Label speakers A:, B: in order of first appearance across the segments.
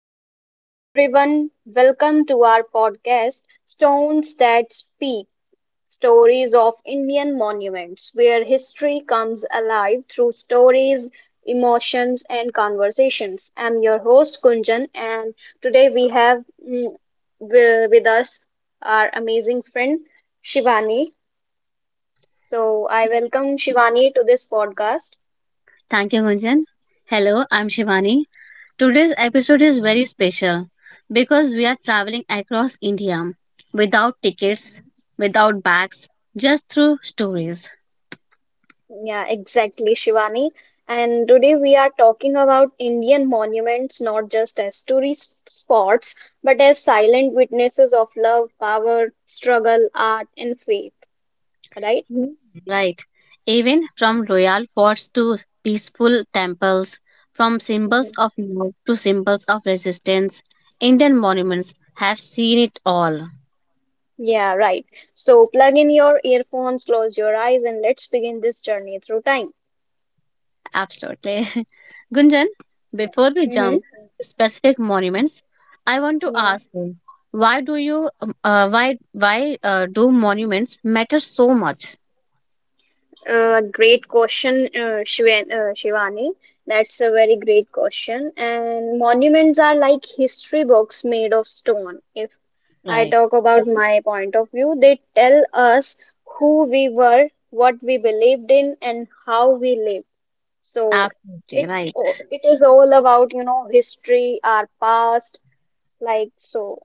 A: So, hello everyone. Welcome to our podcast, Stones That Speak Stories of Indian Monuments, where history comes alive through stories, emotions, and conversations. I'm your host, Kunjan, and today we have with us our amazing friend, Shivani. So, I welcome Shivani to this podcast.
B: Thank you, Gunjan. Hello, I'm Shivani. Today's episode is very special because we are traveling across India without tickets, without bags, just through stories.
A: Yeah, exactly, Shivani. And today we are talking about Indian monuments not just as tourist spots, but as silent witnesses of love, power, struggle, art, and faith. Right?
B: Yeah. Right. Even from royal forts to peaceful temples, from symbols
A: Hmm.
B: of love to symbols of resistance, Indian monuments have seen it all.
A: Yeah, right. So plug in your earphones, close your eyes, and let's begin this journey through time.
B: Absolutely. Gunjan, before we
A: Mm-hmm.
B: jump to specific monuments, I want to
A: Yeah.
B: ask you, why do you why do monuments matter so much?
A: Great question, Shivani. That's a very great question. And monuments are like history books made of stone. If I
B: Right.
A: talk about my point of view, they tell us who we were, what we believed in, and how we lived. So
B: Absolutely
A: it
B: right.
A: oh, it is all about, history, our past, like so.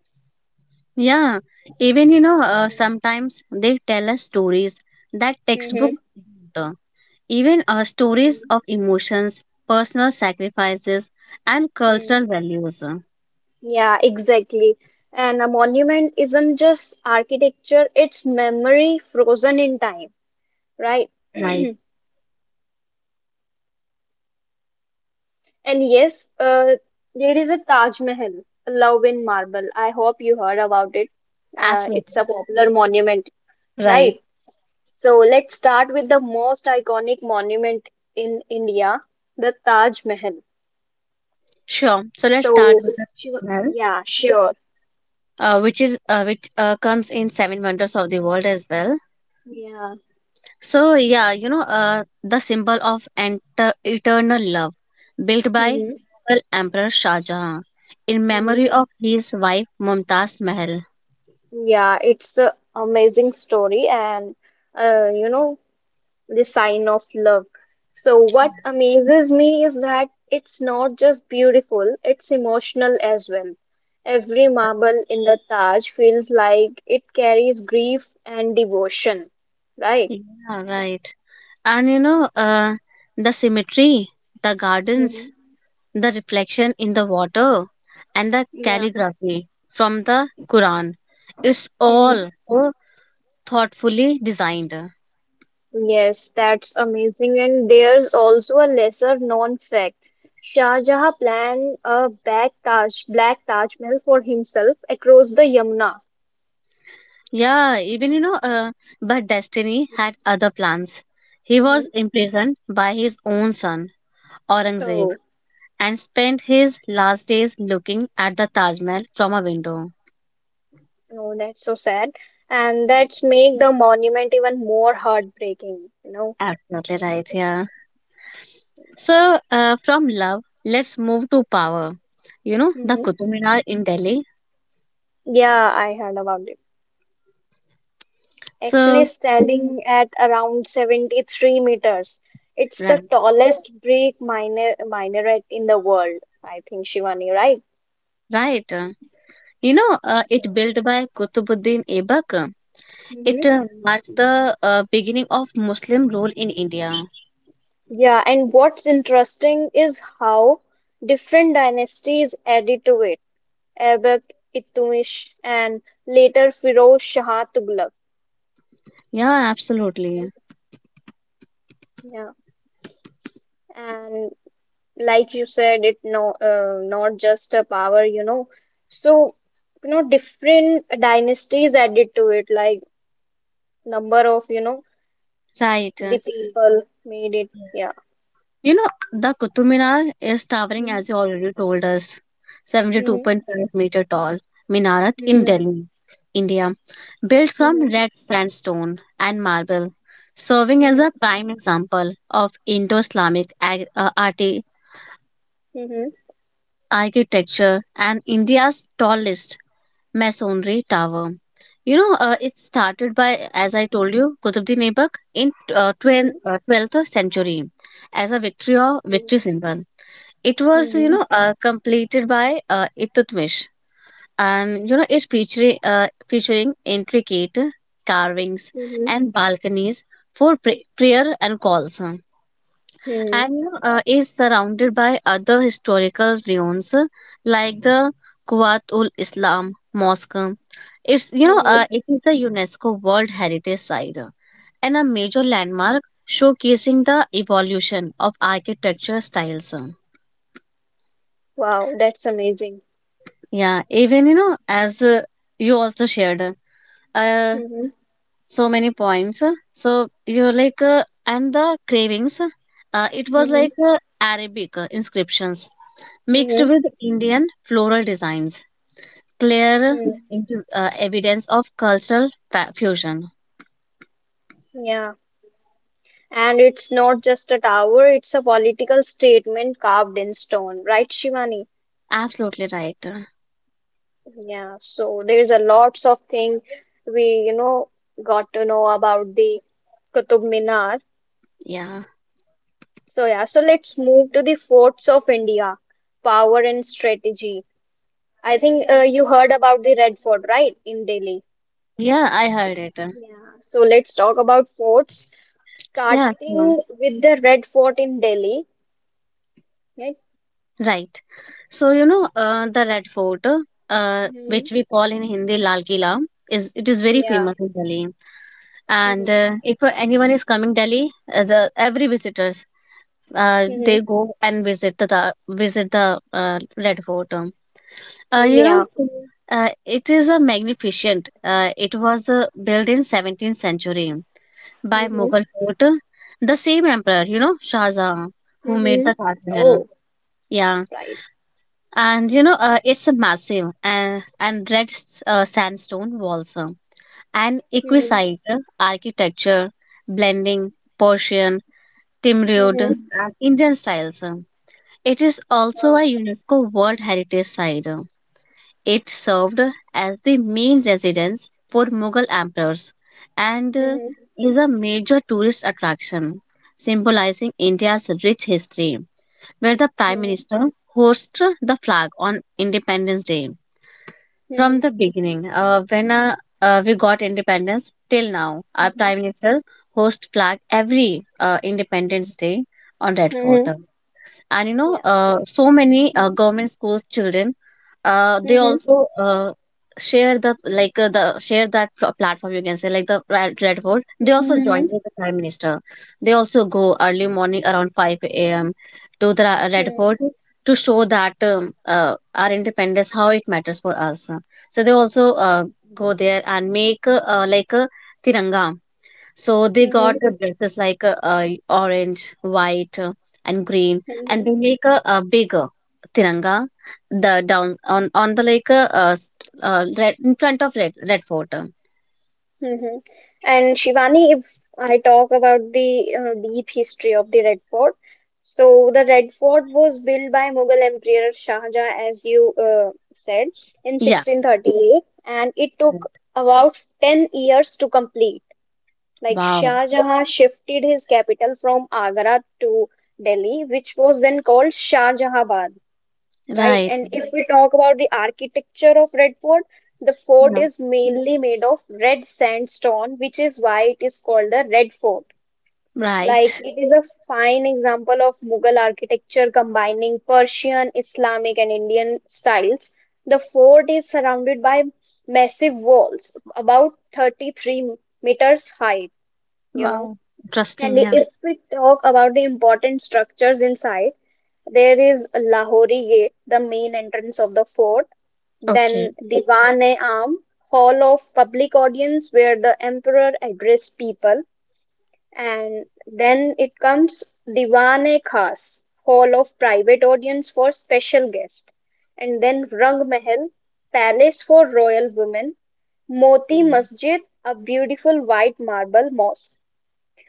B: Yeah. Even sometimes they tell us stories that
A: Mm-hmm.
B: textbook don't. Even stories of emotions, personal sacrifices, and
A: Mm-hmm.
B: cultural values.
A: Yeah, exactly. And a monument isn't just architecture, it's memory frozen in time, right?
B: Right.
A: And yes, there is a Taj Mahal, love in marble. I hope you heard about it. It's
B: Absolutely.
A: a popular monument, right?
B: Right.
A: So let's start with the most iconic monument in India, the Taj Mahal.
B: Sure. So let's start
A: So,
B: with the
A: sure,
B: well,
A: yeah, sure.
B: which is which comes in seven wonders of the world as well.
A: Yeah.
B: So yeah, the symbol of eternal love, built by
A: Hmm.
B: Mughal emperor Shah Jahan in memory of his wife Mumtaz Mahal.
A: Yeah, it's a amazing story and uh, you know, the sign of love. So what amazes me is that it's not just beautiful, it's emotional as well. Every marble in the Taj feels like it carries grief and devotion, right?
B: Yeah, right. And uh, the symmetry, the gardens,
A: Hmm.
B: the reflection in the water, and the
A: Yeah.
B: calligraphy from the Quran, it's
A: Mhm.
B: all so thoughtfully designed.
A: Yes, that's amazing. And there's also a lesser known fact. Shah Jahan planned a black Taj Mahal for himself across the Yamuna.
B: Yeah, even but Destiny had other plans. He was
A: Mhm.
B: imprisoned by his own son, Aurangzeb,
A: Oh,
B: and spent his last days looking at the Taj Mahal from a window.
A: no, that's so sad. And that's make the monument even more heartbreaking.
B: Absolutely right, yeah. So, from love, let's move to power. You know, the
A: Mhm.
B: Qutub Minar in Delhi.
A: Yeah, I heard about it. Actually,
B: So,
A: standing at around 73 meters, it's the
B: right,
A: tallest brick minor minaret in the world, I think, Shivani, right?
B: right. You know, it built by Qutbuddin Aibak. It marked the beginning of Muslim rule in India.
A: Yeah, and what's interesting is how different dynasties added to it. Aibak, Iltutmish, and later Firoz Shah Tughlaq.
B: Yeah,
A: Right?
B: absolutely.
A: Yeah, and like you said, it no, not just a power. So, different dynasties added to it, like number of,
B: Right.
A: the people made it. Yeah.
B: You know, the Qutub Minar is towering, as
A: Hmm.
B: you already told us,
A: Hmm.
B: 72.5-meter tall minaret in
A: Hmm.
B: Delhi, India, built from
A: Hmm.
B: red sandstone and marble, serving as
A: Hmm.
B: a prime example of Indo-Islamic architecture and India's tallest masonry tower. You know, it started by, as I told you, Qutbuddin Aibak in uh,
A: Hmm.
B: 12th uh, 12th century as a victory symbol. It was,
A: Hmm.
B: completed by Iltutmish, and you know, it featuring intricate carvings
A: Hmm.
B: and balconies for prayer and calls, and
A: Hmm.
B: you know, is surrounded by other historical ruins like the Kuwat ul Islam Mosque. It's
A: Mhm.
B: it is a UNESCO World Heritage Site, and a major landmark showcasing the evolution of architecture styles.
A: Wow, that's amazing.
B: Yeah, even you know, as you also shared uh,
A: Mhm.
B: so many points. So you like, and the cravings, it was
A: Mhm.
B: like Arabic inscriptions mixed
A: Mhm.
B: with Indian floral designs, clear
A: Mhm.
B: into, evidence of cultural fusion.
A: Yeah. And it's not just a tower, it's a political statement carved in stone, right, Shivani?
B: Absolutely right.
A: Yeah. So there's a lots of thing we, got to know about the Qutub Minar.
B: Yeah,
A: So yeah, so let's move to the forts of India, power and strategy. I think you heard about the Red Fort, right, in Delhi?
B: yeah, I heard it.
A: Yeah, so let's talk about forts,
B: Yeah, sure.
A: starting with the Red Fort in Delhi, right?
B: Right. So the Red Fort,
A: Mm-hmm.
B: which we call in Hindi Lal Kila, is very
A: Yeah.
B: famous in Delhi. And
A: Mm-hmm.
B: if anyone is coming Delhi, the every visitors
A: Mm-hmm.
B: they go and visit the Red Fort. Uh, you know,
A: Yeah.
B: it is a magnificent. It was built in 17th century by
A: Mm-hmm.
B: Mughal court, the same emperor, you know, Shah Jahan, who made
A: Mm-hmm.
B: the Taj Mahal.
A: Oh,
B: Yeah,
A: that's right.
B: and it's a massive and red sandstone walls, and
A: Mm-hmm.
B: equisite architecture, blending Persian, Timurid,
A: Mm-hmm.
B: and Indian styles. It is also a
A: Wow.
B: UNESCO World Heritage Site. It served as the main residence for Mughal emperors, and
A: Mm-hmm.
B: is a major tourist attraction symbolizing India's rich history, where the prime
A: Mm-hmm.
B: minister hosts the flag on Independence Day. From
A: Mm-hmm.
B: the beginning, when we got independence till now, our
A: Mm-hmm.
B: Prime Minister hosts flag every Independence Day on Red Fort.
A: Mm-hmm.
B: And you know,
A: Yeah.
B: so many
A: Mm-hmm.
B: government schools children, they
A: Mm-hmm.
B: also share the like, the share that platform, you can say, like the red fort, they also join
A: Mm-hmm.
B: with the prime minister. They also go early morning around 5 a.m. to the red
A: Mm-hmm.
B: fort to show that our independence, how it matters for us. So they also go there and make like a tiranga. So they
A: Mm-hmm.
B: got the dresses like orange, white, and green, and
A: Mm-hmm.
B: they make a bigger tiranga, the down on the like red in front of red fort.
A: Hmm. And Shivani, if I talk about the deep history of the Red Fort, so the Red Fort was built by Mughal Emperor Shah Jahan, as you said, in
B: Yeah.
A: 1638, and it
B: Right.
A: took about 10 years to complete. Like
B: Wow.
A: Shah Jahan shifted his capital from Agra to Delhi, which was then called Shah Jahabad, right?
B: Right.
A: And if we talk about the architecture of Red Fort, the fort
B: Yeah.
A: is mainly made of red sandstone, which is why it is called the Red Fort. Like
B: Right.
A: it is a fine example of Mughal architecture combining Persian, Islamic, and Indian styles. The fort is surrounded by massive walls, about 33 meters high, you know.
B: Wow.
A: And
B: Interesting. Yeah.
A: if we talk about the important structures inside, there is Lahori Gate, the main entrance of the fort,
B: Okay.
A: then Diwan-e Aam, hall of public audience where the emperor addressed people, and then it comes Diwan-e Khas, hall of private audience for special guests, and then Rang Mahal, palace for royal women,
B: Yeah.
A: Moti Masjid, a beautiful white marble mosque.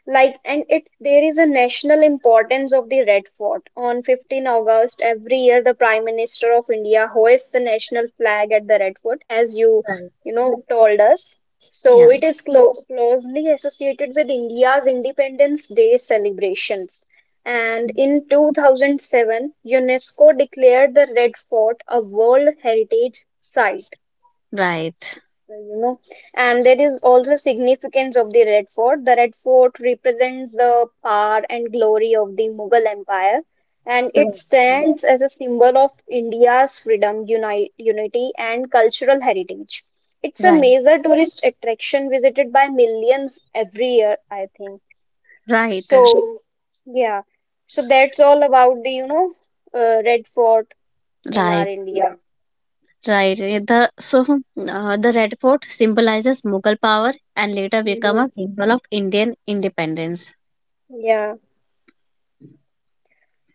A: Like, and it there is a national importance of the Red Fort. On 15 August every year, the Prime Minister of India hoists the national flag at the Red Fort, as you
B: Right.
A: you know told us.
B: Yeah.
A: So it is closely associated with India's Independence Day celebrations. And in 2007, UNESCO declared the Red Fort a World Heritage Site
B: Right.
A: you know and there is also significance of the Red Fort. The Red Fort represents the power and glory of the Mughal empire, and it
B: Right.
A: stands as a symbol of India's freedom, unity and cultural heritage. It's a
B: Right.
A: major tourist attraction visited by millions every year, I think.
B: Right.
A: So yeah, so that's all about the, Red Fort in our
B: Right.
A: India.
B: Right. The Red Fort symbolizes Mughal power and later
A: Yeah.
B: become
A: Hmm.
B: a symbol of Indian independence.
A: Yeah.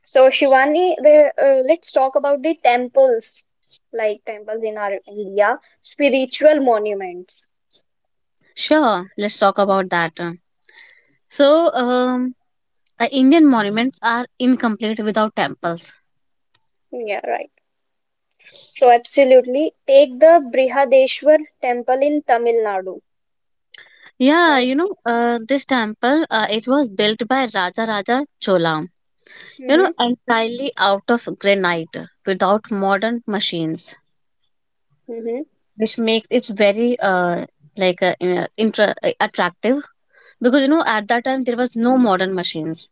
A: So Shivani, let's talk about the temples, like temples in our India, spiritual monuments.
B: Sure, let's talk about that. So, Indian monuments are incomplete without temples.
A: Yeah, right. So absolutely, take the Brihadeshwar temple in Tamil Nadu,
B: Yeah,
A: right?
B: you know, this temple it was built by Raja Raja Chola. You
A: Mm-hmm,
B: know, entirely out of granite, without modern machines,
A: mm-hmm,
B: which makes it very attractive, because you know, at that time there was no modern machines,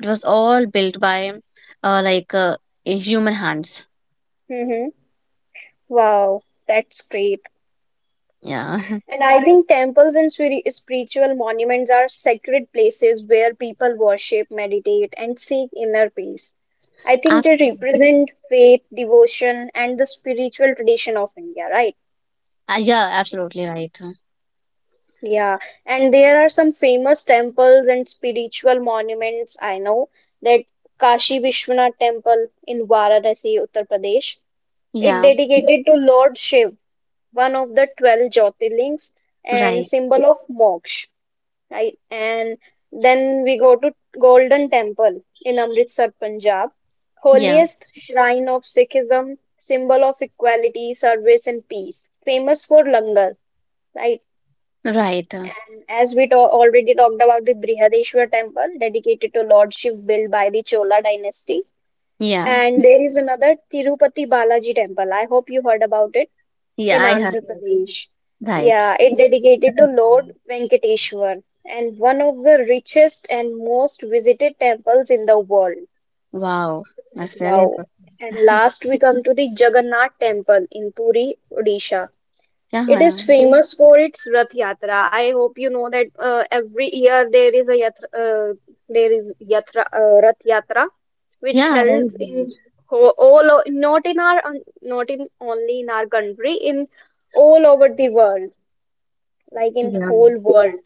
B: it was all built by uh, like uh, in human hands.
A: mm-hmm. Wow, that's great.
B: Yeah.
A: And I think temples and spiritual monuments are sacred places where people worship, meditate, and seek inner peace. I think
B: Ab-
A: they represent faith, devotion, and the spiritual tradition of India, right?
B: yeah, absolutely right.
A: Yeah, and there are some famous temples and spiritual monuments I know that Kashi Vishwanath Temple in Varanasi, Uttar Pradesh. It
B: Yeah.
A: dedicated to Lord Shiv, one of the 12 Jyotirlings and
B: Right.
A: symbol of moksha. Right? And then we go to Golden Temple in Amritsar, Punjab,
B: Yeah.
A: holiest shrine of Sikhism, symbol of equality, service, and peace. Famous for langar, right?
B: Right.
A: And as we already talked about the Brihadeshwar Temple, dedicated to Lord Shiv, built by the Chola dynasty.
B: Yeah.
A: And there is another Tirupati Balaji temple. I hope you heard about it
B: Yeah,
A: in
B: I heard
A: Andhra
B: it.
A: Pradesh.
B: Right.
A: Yeah, it dedicated to
B: Right.
A: Lord Venkateshwar and one of the richest and most visited temples in the world.
B: Wow,
A: Like
B: that's really
A: wow.
B: interesting.
A: And last we come to the Jagannath temple in Puri, Odisha.
B: Yeah.
A: It
B: Yeah.
A: is famous for its Rath Yatra. I hope you know that every year there is a Rath Yatra, which
B: Yeah,
A: held
B: very.
A: in ho- all o- not in our not in only in our country, in all over the world, like in
B: Yeah.
A: whole world.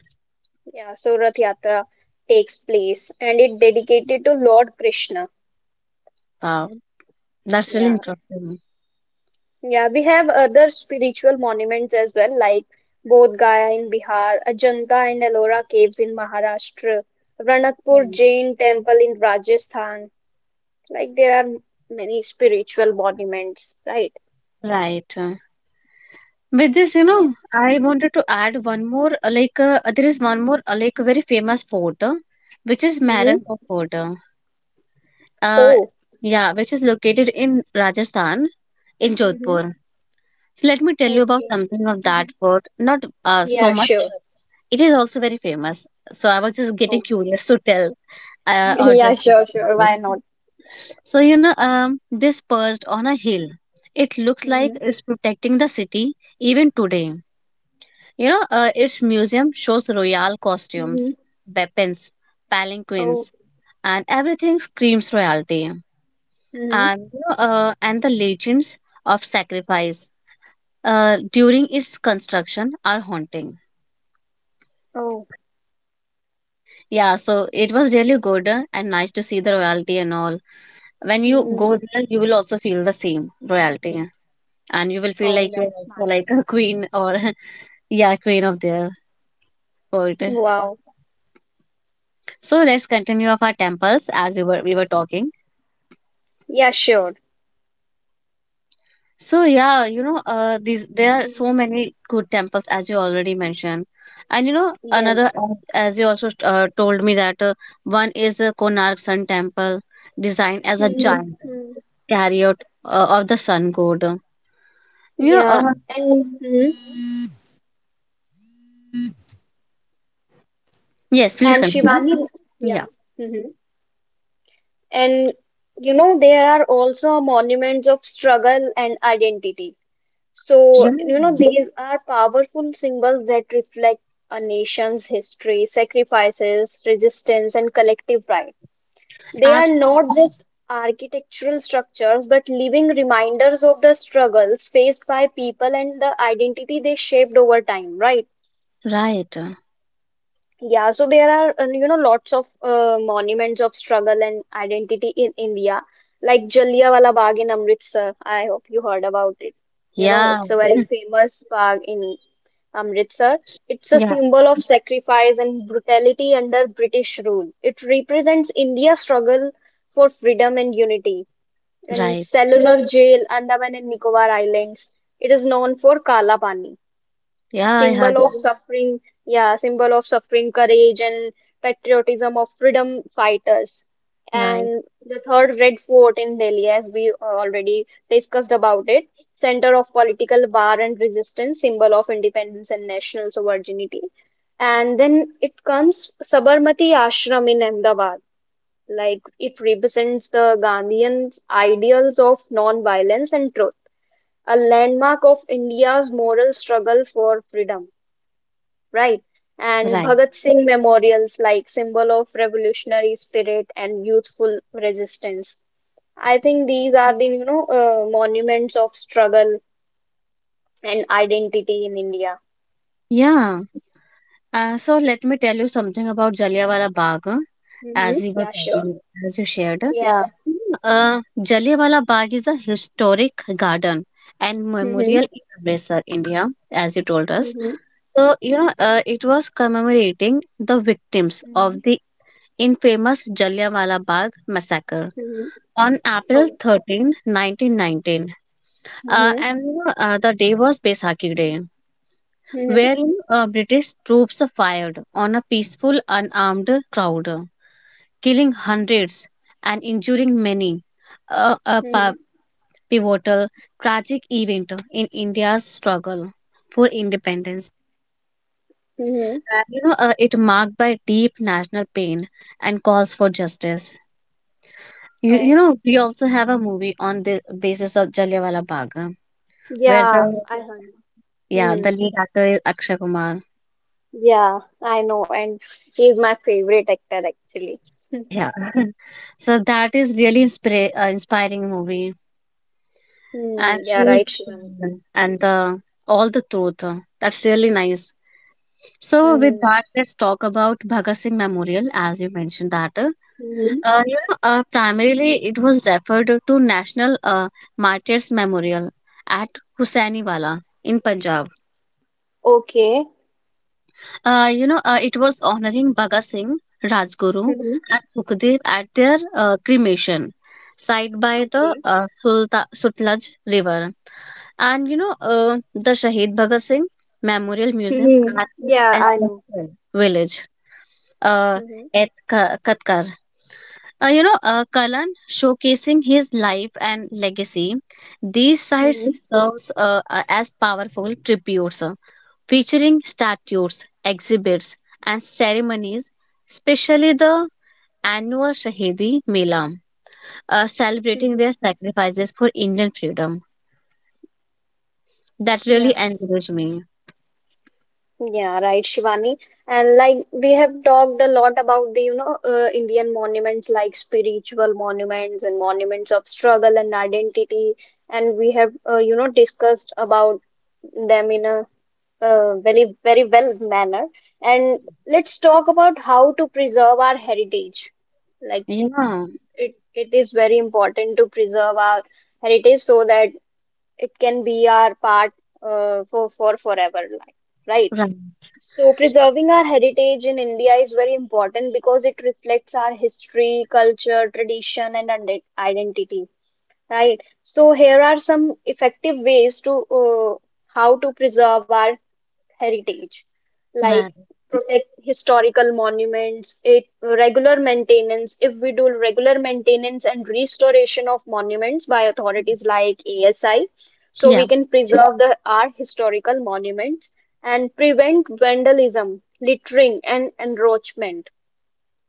A: Yeah, so Rath Yatra takes place and it dedicated to Lord Krishna.
B: Wow, that's really
A: Yeah.
B: interesting.
A: Yeah, we have other spiritual monuments as well, like Bodh Gaya in Bihar, Ajanta and Ellora caves in Maharashtra, Ranakpur Jain temple in Rajasthan. Like there are many spiritual monuments, right?
B: Right. With this, you know,
A: Yeah.
B: I wanted to add one more, there is one more, very famous fort, which is
A: Mm-hmm.
B: Mehrangarh fort, uh,
A: Oh.
B: yeah, which is located in Rajasthan, in Jodhpur.
A: Mm-hmm.
B: So let me tell you about
A: Okay.
B: something of
A: Hmm.
B: that fort. Not so
A: Yeah,
B: much.
A: sure.
B: It is also very famous. So I was just getting
A: Okay.
B: curious to tell
A: Yeah,
B: audience to
A: sure,
B: be
A: sure. Why
B: present.
A: not? Yeah,
B: So you know, this perched on a hill. It looks
A: sure.
B: like
A: Mm-hmm.
B: it's protecting the city even today. You know, its museum shows royal costumes,
A: Mm-hmm.
B: weapons,
A: Oh,
B: palanquins, and everything screams royalty.
A: mm-hmm.
B: And you know, and the legends of sacrifice during its construction are haunting.
A: Oh,
B: Yeah, so it was really good and nice to see the royalty and all. When you go
A: mm.
B: there, you will also feel the same royalty, and you will feel
A: Oh,
B: like you're
A: that's
B: also like
A: nice.
B: a queen, or yeah, queen of their for.
A: Wow.
B: So let's continue of our temples, as we were talking.
A: Yeah, sure.
B: So yeah, you know, these there are so
A: Hmm.
B: many good temples, as you already mentioned, and you know,
A: Yeah.
B: another, as you also told me that, one is a Konark Sun Temple, designed as a
A: Hmm.
B: giant
A: Hmm.
B: chariot of the sun god.
A: Yeah. And Shivani. Yeah. Hmm. And there are also monuments of struggle and identity.
C: Yeah,
A: So these are powerful symbols that reflect a nation's history, sacrifices, resistance, and collective pride. They are
C: absolutely
A: not just architectural structures, but living reminders of the struggles faced by people and the identity they shaped over time, right?
C: right.
A: Yeah, so there are, lots of monuments of struggle and identity in India, like Jallianwala Bagh in Amritsar. I hope you heard about it. You know,
C: Yeah,
A: it's a very, yes, famous bag in Amritsar. It's a
C: yeah,
A: symbol of sacrifice and brutality under British rule. It represents India's struggle for freedom and unity in
C: right.
A: Cellular Jail, Andaman and Nicobar Islands. It is known for Kala Pani,
C: Yeah, I
A: symbol
C: heard
A: of
C: it.
A: suffering, yeah, courage, and patriotism of freedom fighters.
C: Right,
A: And the third Red Fort in Delhi, as we already discussed about it, center of political war and resistance, symbol of independence and national sovereignty. And then it comes Sabarmati Ashram in Ahmedabad. Like it represents the Gandhian ideals of non-violence and truth, a landmark of India's moral struggle for freedom, right? And
C: right.
A: Bhagat Singh memorials, like symbol of revolutionary spirit and youthful resistance. I think these are the monuments of struggle and identity in India.
C: Yeah. So let me tell you something about Jallianwala Bagh.
A: Mm-hmm.
C: As we were
A: Yeah, sure.
C: talking, as you shared,
A: Yeah.
C: Jallianwala Bagh is a historic garden and
A: Mm-hmm.
C: memorial in Amritsar, India, as you told us.
A: Mm-hmm.
C: So, it was commemorating the victims
A: Mm-hmm.
C: of the infamous Jallianwala Bagh massacre
A: Mm-hmm.
C: on
A: Oh.
C: April 13, 1919, uh,
A: Mm-hmm.
C: and uh, the day was Baisakhi Day,
A: Mm-hmm.
C: wherein British troops fired on a peaceful, unarmed crowd, killing hundreds and injuring many. Uh, a
A: Mm-hmm.
C: pa- pivotal, tragic event in India's struggle for independence.
A: Mm-hmm.
C: And, it marked by deep national pain and calls for justice. You, you
A: Oh.
C: know, we also have a movie on the basis of Jallianwala Bagh where
A: Yeah,
C: the
A: I heard.
C: yeah,
A: Hmm.
C: the lead actor is Akshay Kumar.
A: Yeah, I know, and he's my favorite actor actually.
C: Yeah. So that is really inspiring movie and
A: Hmm. Yeah,
C: shows
A: right,
C: the
A: Shivani.
C: human and the all the truth. That's really nice. So with
A: Hmm.
C: that, let's talk about Bhagat Singh Memorial, as you mentioned that.
A: Hmm.
C: Primarily it was referred to National Martyrs Memorial at Husainiwala in Punjab.
A: Okay.
C: It was honoring Bhagat Singh, Rajguru,
A: Hmm.
C: and Sukhdev at their cremation site by the
A: Okay.
C: Sutlej River. And you know, the Shahid Bhagat Singh Memorial Museum
A: Hmm.
C: at his
A: Yeah, I know.
C: ancestral village uh,
A: Hmm.
C: at Katkar. Kalan showcasing his life and legacy. These
A: Hmm.
C: sites serves as powerful tributes featuring statues, exhibits, and ceremonies, especially the annual Shahidi Mela, celebrating their
A: Hmm.
C: sacrifices for Indian freedom. That really
A: Yeah.
C: encouraged me.
A: Yeah, right, Shivani. And like we have talked a lot about the, Indian monuments like spiritual monuments and monuments of struggle and identity, and we have, discussed about them in a very, very well manner. And let's talk about how to preserve our heritage. Like
C: Yeah,
A: it is very important to preserve our heritage so that it can be our part for forever, like right?
C: right,
A: So preserving our heritage in India is very important because it reflects our history, culture, tradition, and identity, right? So here are some effective ways to how to preserve our heritage, like
C: right.
A: protect historical monuments, it regular maintenance. If we do regular maintenance and restoration of monuments by authorities like ASI, so
C: Yeah,
A: we can preserve the our historical monuments and prevent vandalism, littering, and encroachment.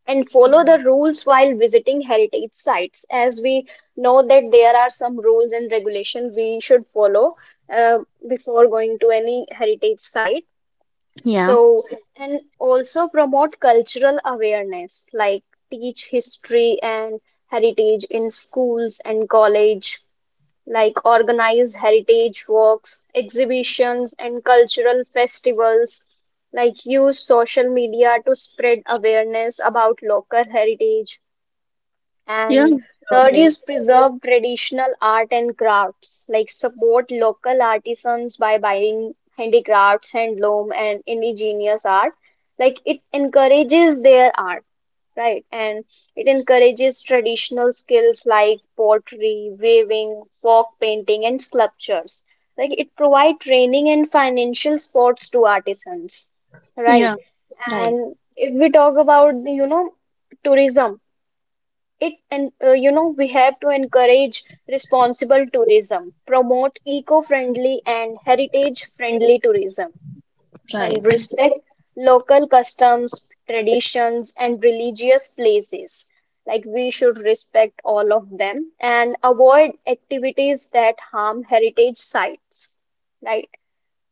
A: And follow the rules while visiting heritage sites, as we know that there are some rules and regulation we should follow uh, before going to any heritage site
C: yeah,
A: so, and also promote cultural awareness, like teach history and heritage in schools and college, like organize heritage walks, exhibitions, and cultural festivals, like use social media to spread awareness about local heritage
C: yeah,
A: and third
C: totally.
A: is preserve traditional art and crafts, like support local artisans by buying handicrafts, handloom, and indigenous art. Like it encourages their art, right? And it encourages traditional skills like pottery, weaving, folk painting, and sculptures. Like it provide training and financial supports to artisans, right?
C: Yeah, right,
A: And if we talk about, you know, tourism it and you know, we have to encourage responsible tourism, promote eco-friendly and heritage-friendly tourism and
C: right.
A: respect local customs, traditions, and religious places, like we should respect all of them and avoid activities that harm heritage sites, right?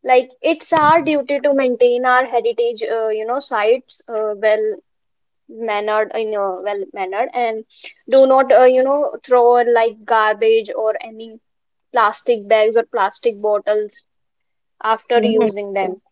A: Like it's our duty to maintain our heritage you know sites well mannered, in a well mannered, and do not you know throw like garbage or any plastic bags or plastic bottles after
C: Absolutely.
A: using them,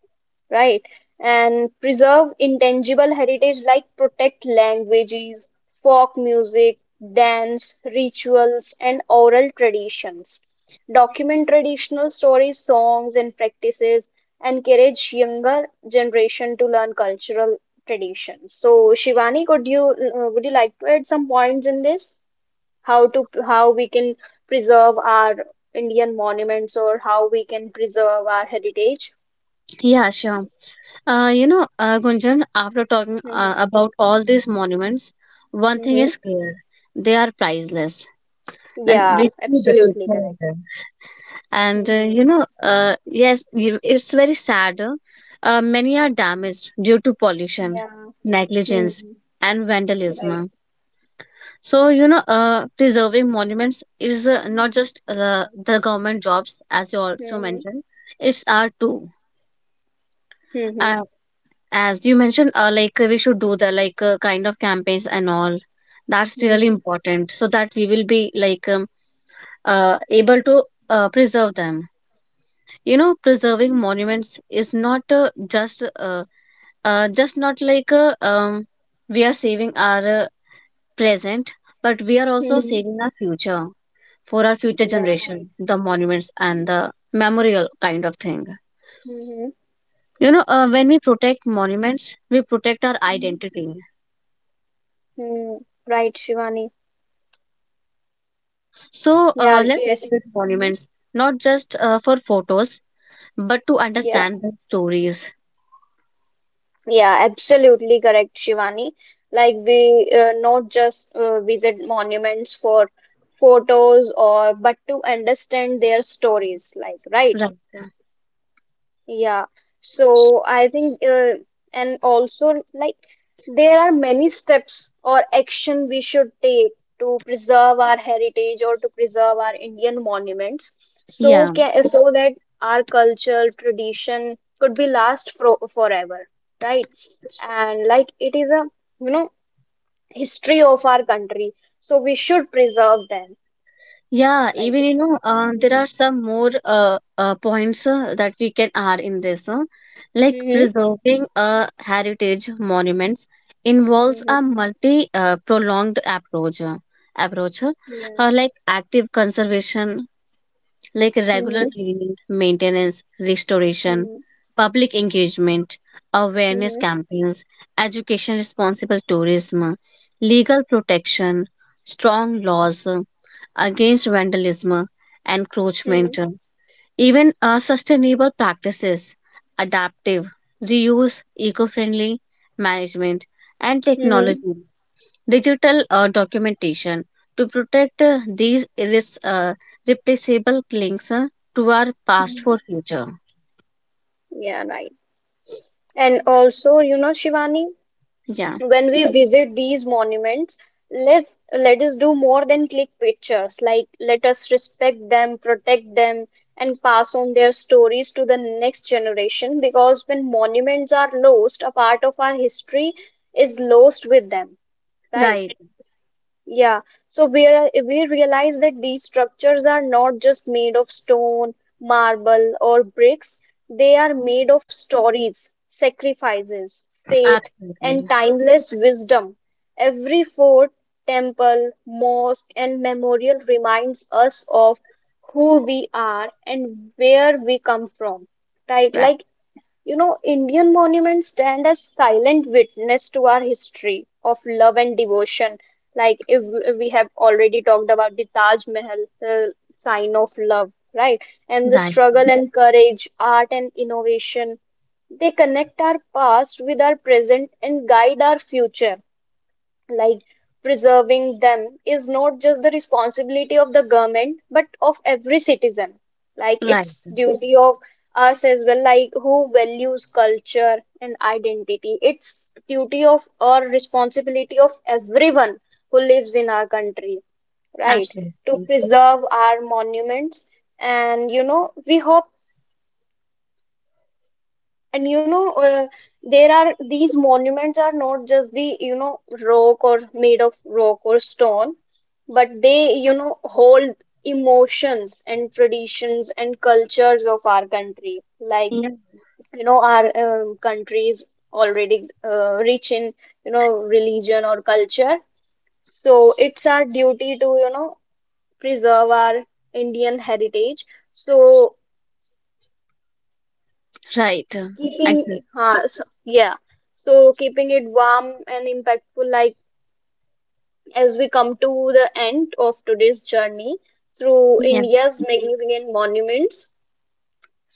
A: right? And preserve intangible heritage like protect languages, folk music, dance, rituals, and oral traditions. Document traditional stories, songs, and practices. Encourage younger generation to learn cultural traditions. So, Shivani, could you would you like to add some points in this? How we can preserve our Indian monuments, or how we can preserve our heritage?
C: Yeah, sure. Gunjan, after talking
A: Hmm.
C: about all these monuments, one thing is clear, they are priceless. Then
A: Yeah,
C: we should respect
A: absolutely correct.
C: them. And
A: Mm-hmm.
C: yes it's very sad, many are damaged due to pollution,
A: Yeah.
C: negligence,
A: Mm-hmm.
C: and
A: Right.
C: vandalism. So you know, preserving monuments is not just the government jobs, as you also
A: Mm-hmm.
C: mentioned, it's our too.
A: Mm-hmm.
C: uh, as you mentioned, like we should do the like kind of campaigns and all, that's really
A: Mm-hmm.
C: important so that we will be able to preserve them. You know, preserving monuments is not just just not like we are saving our present, but we are also
A: Mm-hmm.
C: saving our future, for our future
A: Yeah, right.
C: generation, the monuments and the memorial kind of thing.
A: Mm-hmm.
C: You know, when we protect monuments, we protect our
A: Mm-hmm.
C: identity.
A: Mm-hmm. Right, Shivani.
C: So
A: Yeah,
C: let's
A: yes.
C: visit
A: Mm-hmm.
C: monuments not just for photos, but to
A: Yeah.
C: understand the stories.
A: Yeah, absolutely correct, Shivani. Like we not just visit monuments for photos, or but to understand their stories, like, right?
C: Right.
A: Yeah, so I think, and also like there are many steps or action we should take to preserve our heritage or to preserve our Indian monuments,
C: Yeah.
A: so that our culture, tradition could be last for forever, right? And like it is a, you know, history of our country, so we should preserve them,
C: Yeah,
A: like.
C: even you know, there
A: Mm-hmm.
C: are some more points that we can add in this. Like
A: Mm-hmm.
C: preserving heritage monuments involves a
A: Mm-hmm.
C: multi prolonged approach. uh, approach uh,
A: Yeah.
C: uh, like active conservation, like regular
A: Mm-hmm.
C: cleaning, maintenance, restoration,
A: Mm-hmm.
C: public engagement, awareness
A: Mm-hmm.
C: campaigns, education, responsible tourism, legal protection, strong laws against vandalism, encroachment,
A: Mm-hmm.
C: even sustainable practices, adaptive, reuse, eco friendly management, and
A: Mm-hmm.
C: technology, digital documentation to protect these replaceable links to our past
A: Mhm.
C: for future.
A: Yeah, right. And also, you know, Shivani,
C: Yeah,
A: when we Yes. visit these monuments, let let us do more than click pictures. Like, let us respect them, protect them, and pass on their stories to the next generation. Because when monuments are lost, a part of our history is lost with them, right?
C: right,
A: Yeah, so we realize that these structures are not just made of stone, marble, or bricks. They are made of stories, sacrifices, faith, and
C: absolutely.
A: timeless wisdom. Every fort, temple, mosque, and memorial reminds us of who we are and where we come from, right?
C: Right,
A: Like, you know, Indian monuments stand as silent witness to our history of love and devotion. Like if we have already talked about the Taj Mahal, the sign of love, right? And the
C: right,
A: struggle and courage, art and innovation, they connect our past with our present and guide our future, like preserving them is not just the responsibility of the government but of every citizen, like
C: right.
A: it's duty of us as well, like who values culture and identity, it's duty of or responsibility of everyone who lives in our country, right,
C: Absolutely.
A: to preserve our monuments. And you know, we hope, and you know, there are these monuments are not just the, you know, rock or made of rock or stone, but they, you know, hold emotions and traditions and cultures of our country. Like,
C: Yeah,
A: you know, our country is already rich in, you know, religion or culture. So it's our duty to, you know, preserve our Indian heritage. So
C: right.
A: keeping
C: Exactly.
A: so, yeah, so keeping it warm and impactful, like as we come to the end of today's journey through
C: Yeah,
A: India's magnificent monuments,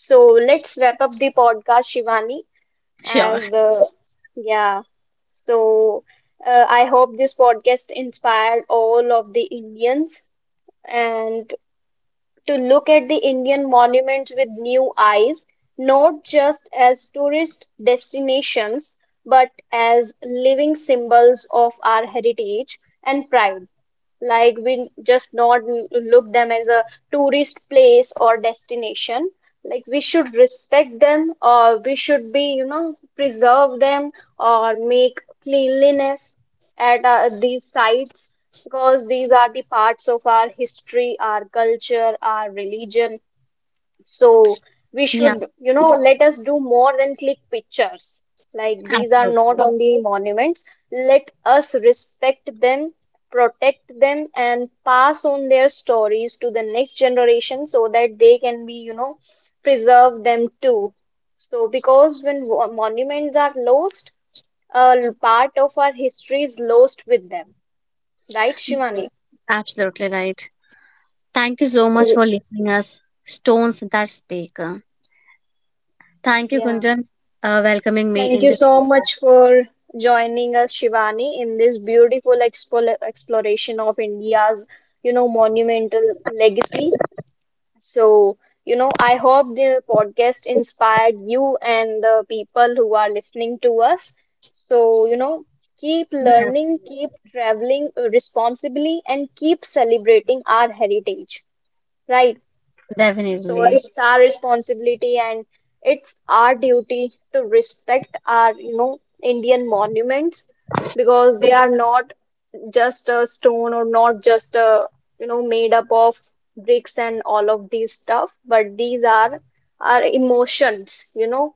A: so let's wrap up the podcast, Shivani,
C: sure.
A: as the, yeah, so I hope this podcast inspired all of the Indians and to look at the Indian monuments with new eyes, not just as tourist destinations, but as living symbols of our heritage and pride. Like we just not look them as a tourist place or destination, like we should respect them, or we should be, you know, preserve them or make cleanliness at these sites, because these are the parts of our history, our culture, our religion. So we
C: Yeah,
A: should, you know, let us do more than click pictures. Like these are not
C: absolutely.
A: only monuments. Let us respect them, protect them, and pass on their stories to the next generation so that they can be, you know, preserve them too. So because when monuments are lost, a part of our history is lost with them, right,
C: Mhm.
A: Shivani?
C: Absolutely right. Thank you so much
A: So
C: for leaving us stones that speak. Thank you,
A: yeah.
C: Kunjan, welcoming me
A: Thank
C: in
A: you
C: this
A: so much
C: podcast.
A: for joining us, Shivani, in this beautiful exploration of India's, you know, monumental legacy. So, you know, I hope the podcast inspired you and the people who are listening to us. So, you know, keep
C: Yeah,
A: learning,
C: absolutely.
A: keep traveling responsibly, and keep celebrating our heritage, right? So
C: Definitely.
A: it's our responsibility and it's our duty to respect our, you know, Indian monuments, because they are not just a stone, or not just a, you know, made up of bricks and all of these stuff, but these are our emotions, you know,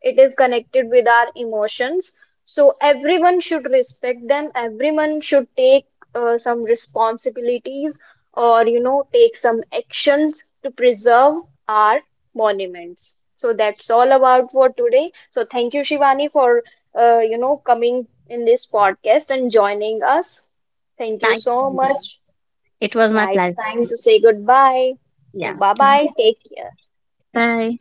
A: it is connected with our emotions. So everyone should respect them, everyone should take some responsibilities, or you know, take some actions to preserve our monuments. So that's all about for today, so thank you, Shivani, for you know coming in this podcast and joining us, thank you
C: Thank
A: so
C: you, Kunjan.
A: much.
C: It was my
A: Yeah, it's
C: pleasure.
A: time to say goodbye, so
C: Yeah.
A: bye
C: Thank
A: bye,
C: you.
A: take care.
C: Bye.